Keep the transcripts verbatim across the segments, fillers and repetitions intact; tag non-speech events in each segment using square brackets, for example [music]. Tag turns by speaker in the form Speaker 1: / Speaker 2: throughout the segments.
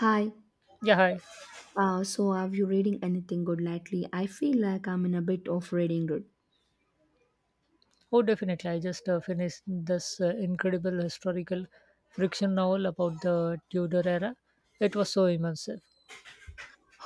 Speaker 1: Hi,
Speaker 2: Yeah, hi.
Speaker 1: uh, so have you reading anything good lately? I feel like I'm in a bit of reading good.
Speaker 2: Oh, definitely. I just uh, finished this uh, incredible historical fiction novel about the Tudor era. It was so immersive.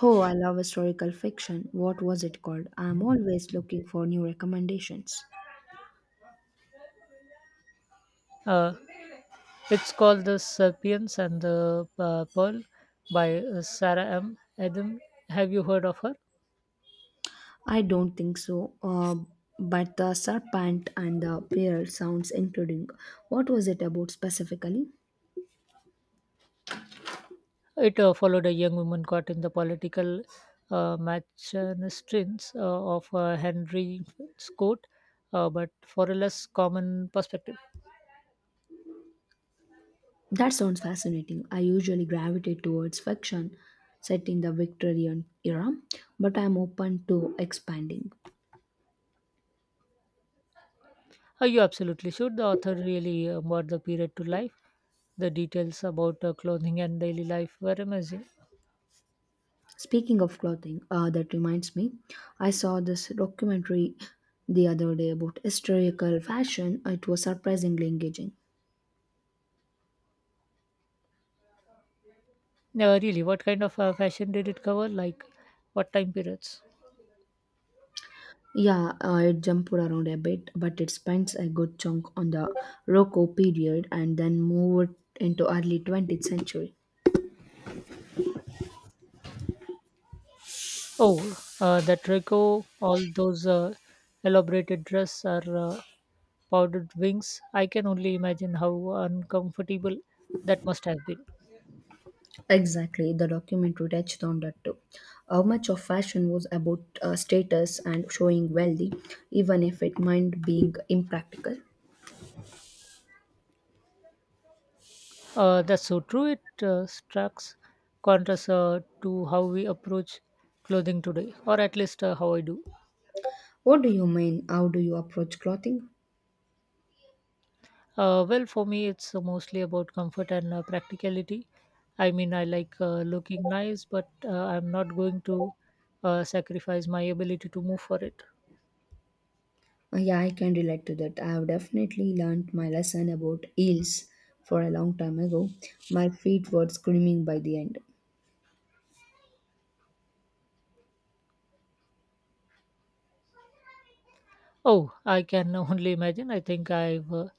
Speaker 1: Oh, I love historical fiction. What was it called? I'm always looking for new recommendations.
Speaker 2: Uh, it's called The Serpians and the uh, Pearl by uh, Sarah M. Adam. Have you heard of her?
Speaker 1: I don't think so, uh, but The Serpent and the Pearl sounds including. What was it about specifically?
Speaker 2: It uh, followed a young woman caught in the political uh, machinations uh, of uh, Henry's court, uh, but for a less common perspective.
Speaker 1: That sounds fascinating. I usually gravitate towards fiction set in the Victorian era, but I'm open to expanding.
Speaker 2: Uh, you absolutely should. The author really uh, brought the period to life. The details about uh, clothing and daily life were amazing.
Speaker 1: Speaking of clothing, uh, that reminds me, I saw this documentary the other day about historical fashion. It was surprisingly engaging.
Speaker 2: Uh, really, what kind of uh, fashion did it cover? Like, what time periods?
Speaker 1: Yeah, uh, it jumped around a bit, but it spends a good chunk on the Rococo period and then moved into early twentieth century.
Speaker 2: Oh, uh, that Reiko, all those uh, elaborated dress or uh, powdered wings. I can only imagine how uncomfortable that must have been.
Speaker 1: Exactly, the documentary touched on that too. How much of fashion was about uh, status and showing wealthy, even if it meant being impractical?
Speaker 2: Uh, that's so true. It uh, strikes contrast uh, to how we approach clothing today, or at least uh, how I do.
Speaker 1: What do you mean? How do you approach clothing?
Speaker 2: Uh, well, for me, it's uh, mostly about comfort and uh, practicality. I mean, I like uh, looking nice, but uh, I'm not going to uh, sacrifice my ability to move for it.
Speaker 1: Uh, Yeah, I can relate to that. I have definitely learned my lesson about eels for a long time ago. My feet were screaming by the end.
Speaker 2: Oh, I can [laughs] only imagine. I think I've uh,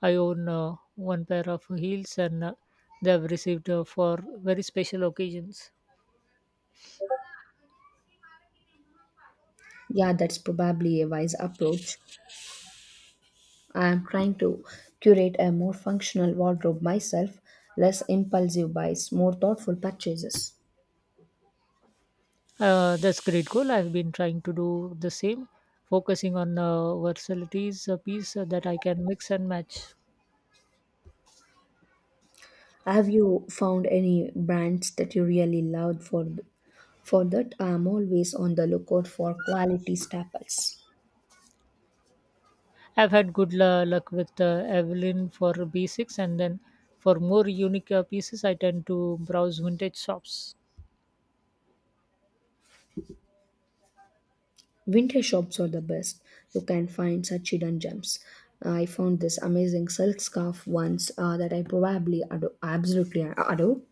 Speaker 2: I own uh, one pair of heels, and uh, they have received uh, for very special occasions.
Speaker 1: Yeah, that's probably a wise approach. I am trying to curate a more functional wardrobe myself, less impulsive buys, more thoughtful purchases.
Speaker 2: Uh, that's great goal. I've been trying to do the same, focusing on uh, versatilities, a piece uh, that I can mix and match.
Speaker 1: Have you found any brands that you really loved for for that? I'm always on the lookout for quality staples.
Speaker 2: I've had good la- luck with uh, Evelyn for B six, and then for more unique uh, pieces, I tend to browse vintage shops.
Speaker 1: Vintage shops are the best. You can find such hidden gems. I found this amazing silk scarf once uh, that I probably ado- absolutely adore.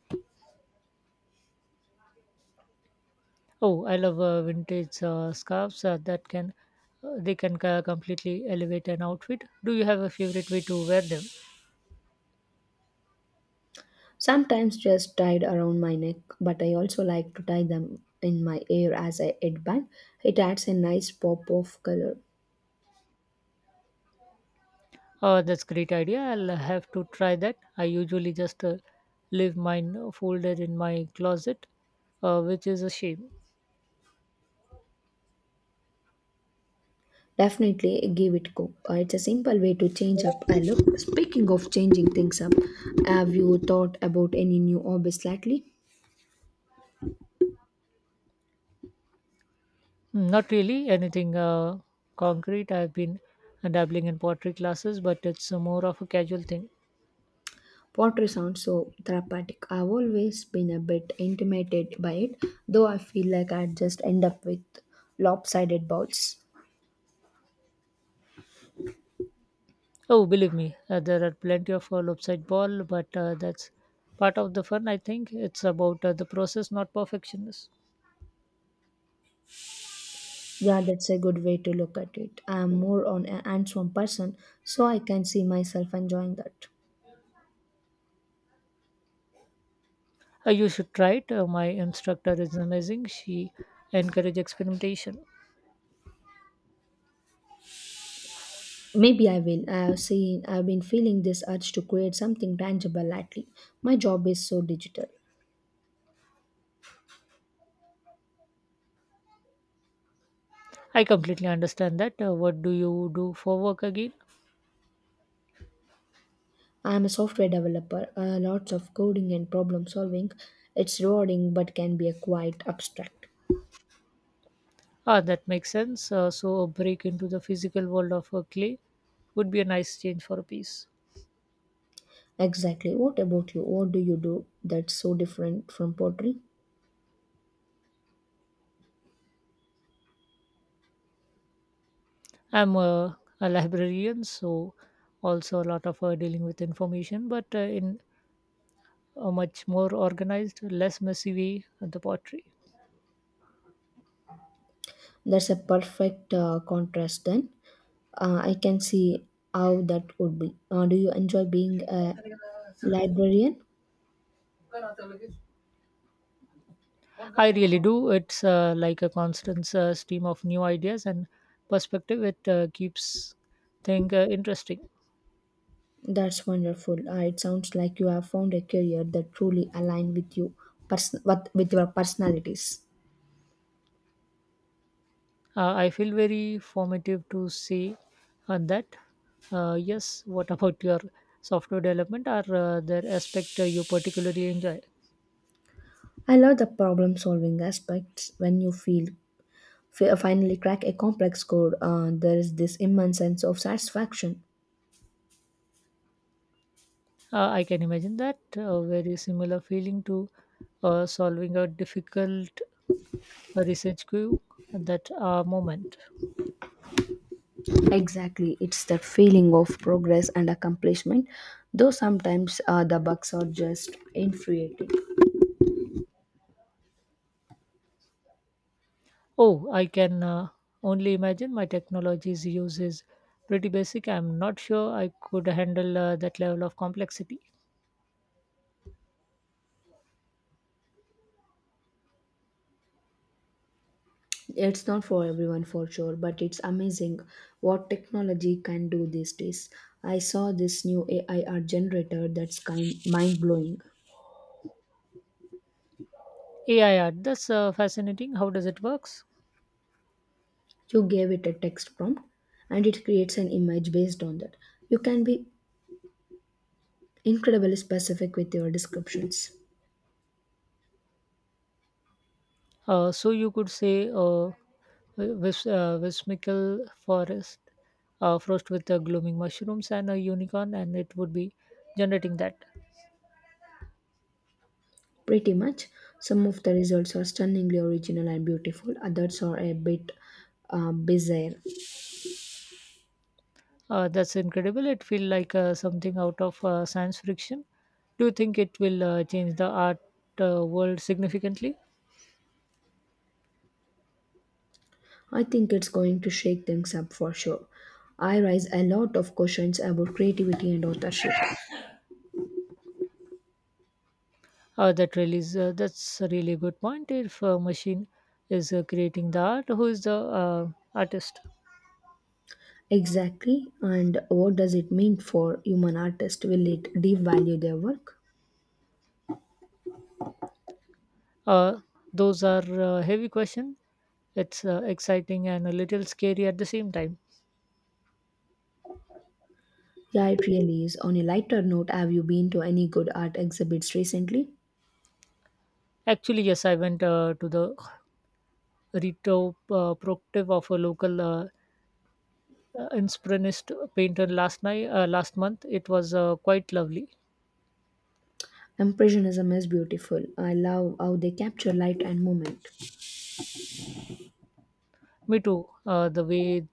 Speaker 2: Oh, I love uh, vintage uh, scarves uh, that can uh, they can uh, completely elevate an outfit. Do you have a favorite way to wear them?
Speaker 1: Sometimes just tied around my neck, but I also like to tie them in my hair as a headband. It adds a nice pop of color.
Speaker 2: Oh, that's great idea. I'll have to try that. I usually just uh, leave mine folded in my closet, uh, which is a shame.
Speaker 1: Definitely give it go. Uh, it's a simple way to change up a look. Speaking of changing things up, have you thought about any new hobbies lately?
Speaker 2: Mm, not really anything uh, concrete. I've been uh, dabbling in pottery classes, but it's uh, more of a casual thing.
Speaker 1: Pottery sounds so therapeutic. I've always been a bit intimidated by it, though I feel like I'd just end up with lopsided balls.
Speaker 2: Oh, believe me, uh, there are plenty of uh, lopsided ball, but uh, that's part of the fun. I think it's about uh, the process, not perfectionist.
Speaker 1: Yeah, that's a good way to look at it. I'm more on an hands-on person, so I can see myself enjoying that.
Speaker 2: Uh, you should try it. Uh, my instructor is amazing. She encourages experimentation.
Speaker 1: Maybe I will. I've seen. I've been feeling this urge to create something tangible lately. My job is so digital.
Speaker 2: I completely understand that. Uh, what do you do for work again?
Speaker 1: I'm a software developer. Uh, lots of coding and problem solving. It's rewarding, but can be a quite abstract.
Speaker 2: Ah, that makes sense. Uh, so a break into the physical world of uh, clay would be a nice change for a piece.
Speaker 1: Exactly. What about you? What do you do that's so different from pottery?
Speaker 2: I'm a, a librarian, so also a lot of uh, dealing with information, but uh, in a much more organized, less messy way. uh, The pottery,
Speaker 1: That's a perfect uh, contrast then. Uh, I can see how that would be. Uh, do you enjoy being a librarian?
Speaker 2: I really do. It's uh, like a constant uh, stream of new ideas and perspective. It uh, keeps things uh, interesting.
Speaker 1: That's wonderful. Uh, it sounds like you have found a career that truly aligns with you, person- with, with your personalities.
Speaker 2: Uh, I feel very formative to say on that. Uh, yes. What [laughs] about your software development? Are uh, there aspect uh, you particularly enjoy?
Speaker 1: I love the problem solving aspects when you feel fi- finally crack a complex code. Uh, there is this immense sense of satisfaction.
Speaker 2: Uh, I can imagine that a very similar feeling to uh, solving a difficult uh, research queue at that uh, moment.
Speaker 1: Exactly, it's that feeling of progress and accomplishment, though sometimes uh, the bugs are just infuriating.
Speaker 2: Oh, I can uh, only imagine my technology's use is pretty basic. I'm not sure I could handle uh, that level of complexity.
Speaker 1: It's not for everyone for sure, but it's amazing what technology can do these days. I saw this new A I art generator that's kind mind blowing.
Speaker 2: A I art, that's uh, fascinating. How does it works?
Speaker 1: You gave it a text prompt and it creates an image based on that. You can be incredibly specific with your descriptions.
Speaker 2: Uh, so you could say uh, Vis- uh, Wismical Forest uh, frost with uh, glooming mushrooms and a unicorn, and it would be generating that.
Speaker 1: Pretty much. Some of the results are stunningly original and beautiful, others are a bit uh, bizarre.
Speaker 2: Uh, that's incredible. It feels like uh, something out of uh, science fiction. Do you think it will uh, change the art uh, world significantly?
Speaker 1: I think it's going to shake things up for sure. I raise a lot of questions about creativity and authorship.
Speaker 2: Uh, that really is, uh, that's a really good point. If a machine is uh, creating the art, who is the uh, artist?
Speaker 1: Exactly, and what does it mean for human artists? Will it devalue their work?
Speaker 2: Uh, those are uh, heavy questions. It's uh, exciting and a little scary at the same time.
Speaker 1: Yeah, it really is. On a lighter note, have you been to any good art exhibits recently?
Speaker 2: Actually, yes, I went uh, to the retrospective of a local uh, uh, Inspironist painter last night, uh, last month. It was uh, quite lovely.
Speaker 1: Impressionism is beautiful. I love how they capture light and movement.
Speaker 2: Me too. Uh, the way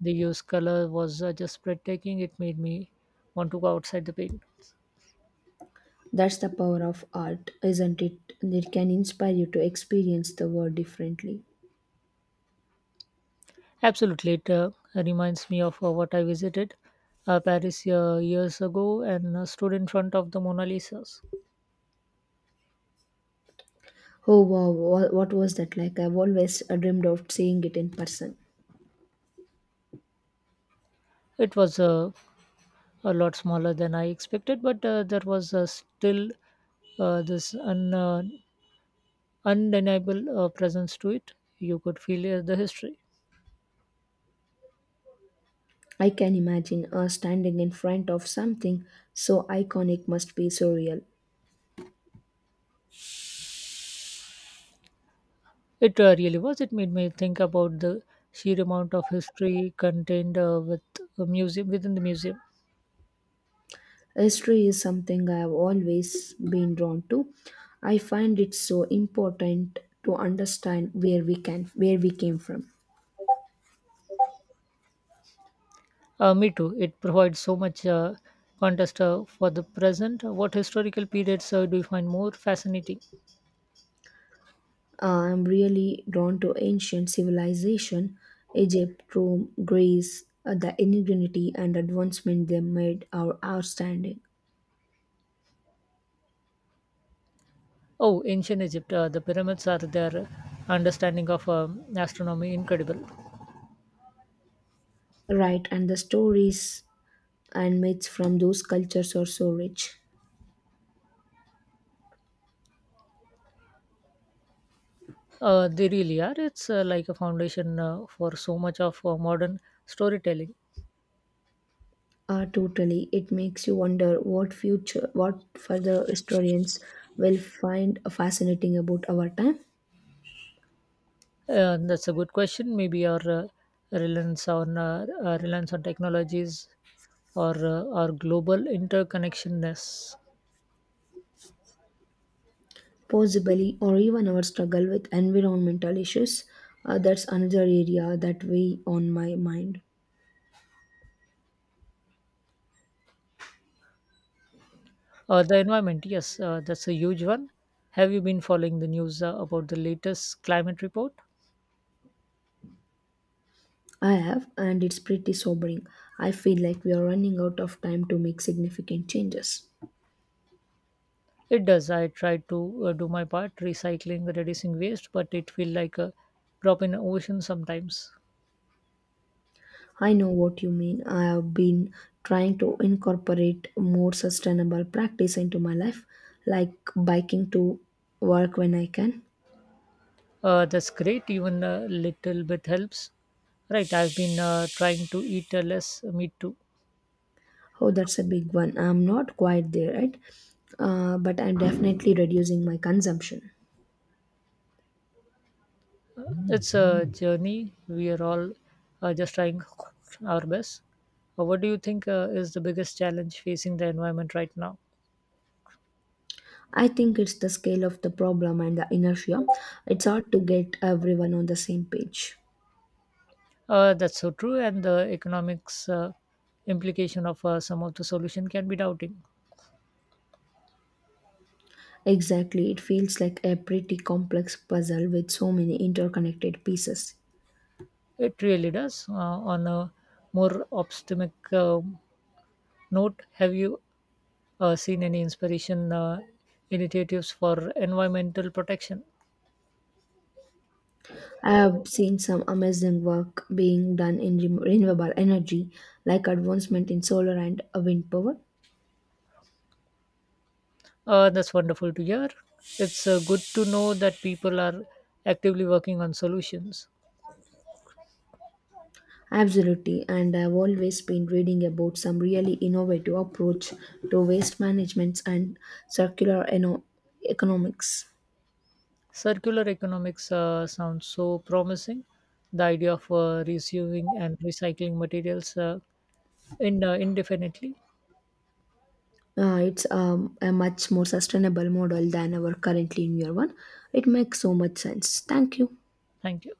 Speaker 2: they used color was uh, just breathtaking. It made me want to go outside the paint.
Speaker 1: That's the power of art, isn't it? It can inspire you to experience the world differently.
Speaker 2: Absolutely, it uh, reminds me of uh, what I visited uh, Paris uh, years ago and uh, stood in front of the Mona Lisa's.
Speaker 1: Oh wow, wha- what was that like? I've always uh, dreamed of seeing it in person.
Speaker 2: It was uh, a lot smaller than I expected, but uh, there was uh, still uh, this un, uh, undeniable uh, presence to it. You could feel uh, the history.
Speaker 1: I can imagine us standing in front of something so iconic must be so real.
Speaker 2: It uh, really was. It made me think about the sheer amount of history contained uh, with a museum within the museum.
Speaker 1: History is something I have always been drawn to. I find it so important to understand where we can where we came from.
Speaker 2: Uh, me too. It provides so much uh, context uh, for the present. What historical periods uh, do you find more fascinating?
Speaker 1: Uh, I'm really drawn to ancient civilization, Egypt, Rome, Greece, uh, the ingenuity and advancement they made are outstanding.
Speaker 2: Oh, ancient Egypt. Uh, the pyramids are their understanding of um, astronomy incredible.
Speaker 1: Right, and the stories and myths from those cultures are so rich.
Speaker 2: Uh, they really are. It's uh, like a foundation uh, for so much of uh, modern storytelling.
Speaker 1: Uh, totally, it makes you wonder what future, what further historians will find fascinating about our time,
Speaker 2: Yeah, that's a good question. Maybe our uh, reliance on uh, uh, reliance on technologies or uh, our global interconnectedness.
Speaker 1: possibly, or even our struggle with environmental issues. Uh, that's another area that weigh on my mind.
Speaker 2: Uh, the environment, yes, uh, that's a huge one. Have you been following the news uh, about the latest climate report?
Speaker 1: I have, and it's pretty sobering. I feel like we are running out of time to make significant changes.
Speaker 2: It does. I try to uh, do my part, recycling, reducing waste, but it feels like a drop in the ocean sometimes.
Speaker 1: I know what you mean. I have been trying to incorporate more sustainable practice into my life, like biking to work when I can.
Speaker 2: Uh, that's great. Even a little bit helps. Right. I've been uh, trying to eat uh, less meat too.
Speaker 1: Oh, that's a big one. I'm not quite there yet, uh, but I'm definitely reducing my consumption.
Speaker 2: It's a journey. We are all uh, just trying our best. Uh, what do you think uh, is the biggest challenge facing the environment right now?
Speaker 1: I think it's the scale of the problem and the inertia. It's hard to get everyone on the same page.
Speaker 2: Uh, that's so true, and the economics uh, implication of uh, some of the solution can be doubting.
Speaker 1: Exactly, it feels like a pretty complex puzzle with so many interconnected pieces.
Speaker 2: It really does. Uh, on a more optimistic uh, note, have you uh, seen any inspiration uh, initiatives for environmental protection?
Speaker 1: I have seen some amazing work being done in re- renewable energy, like advancement in solar and uh, wind power.
Speaker 2: Uh, that's wonderful to hear. It's uh, good to know that people are actively working on solutions.
Speaker 1: Absolutely, and I've always been reading about some really innovative approach to waste management and circular eno- economics.
Speaker 2: Circular economics uh, sounds so promising. The idea of uh, reusing and recycling materials uh, in, uh, indefinitely.
Speaker 1: Uh, it's um, a much more sustainable model than our currently in year one. It makes so much sense. Thank you.
Speaker 2: Thank you.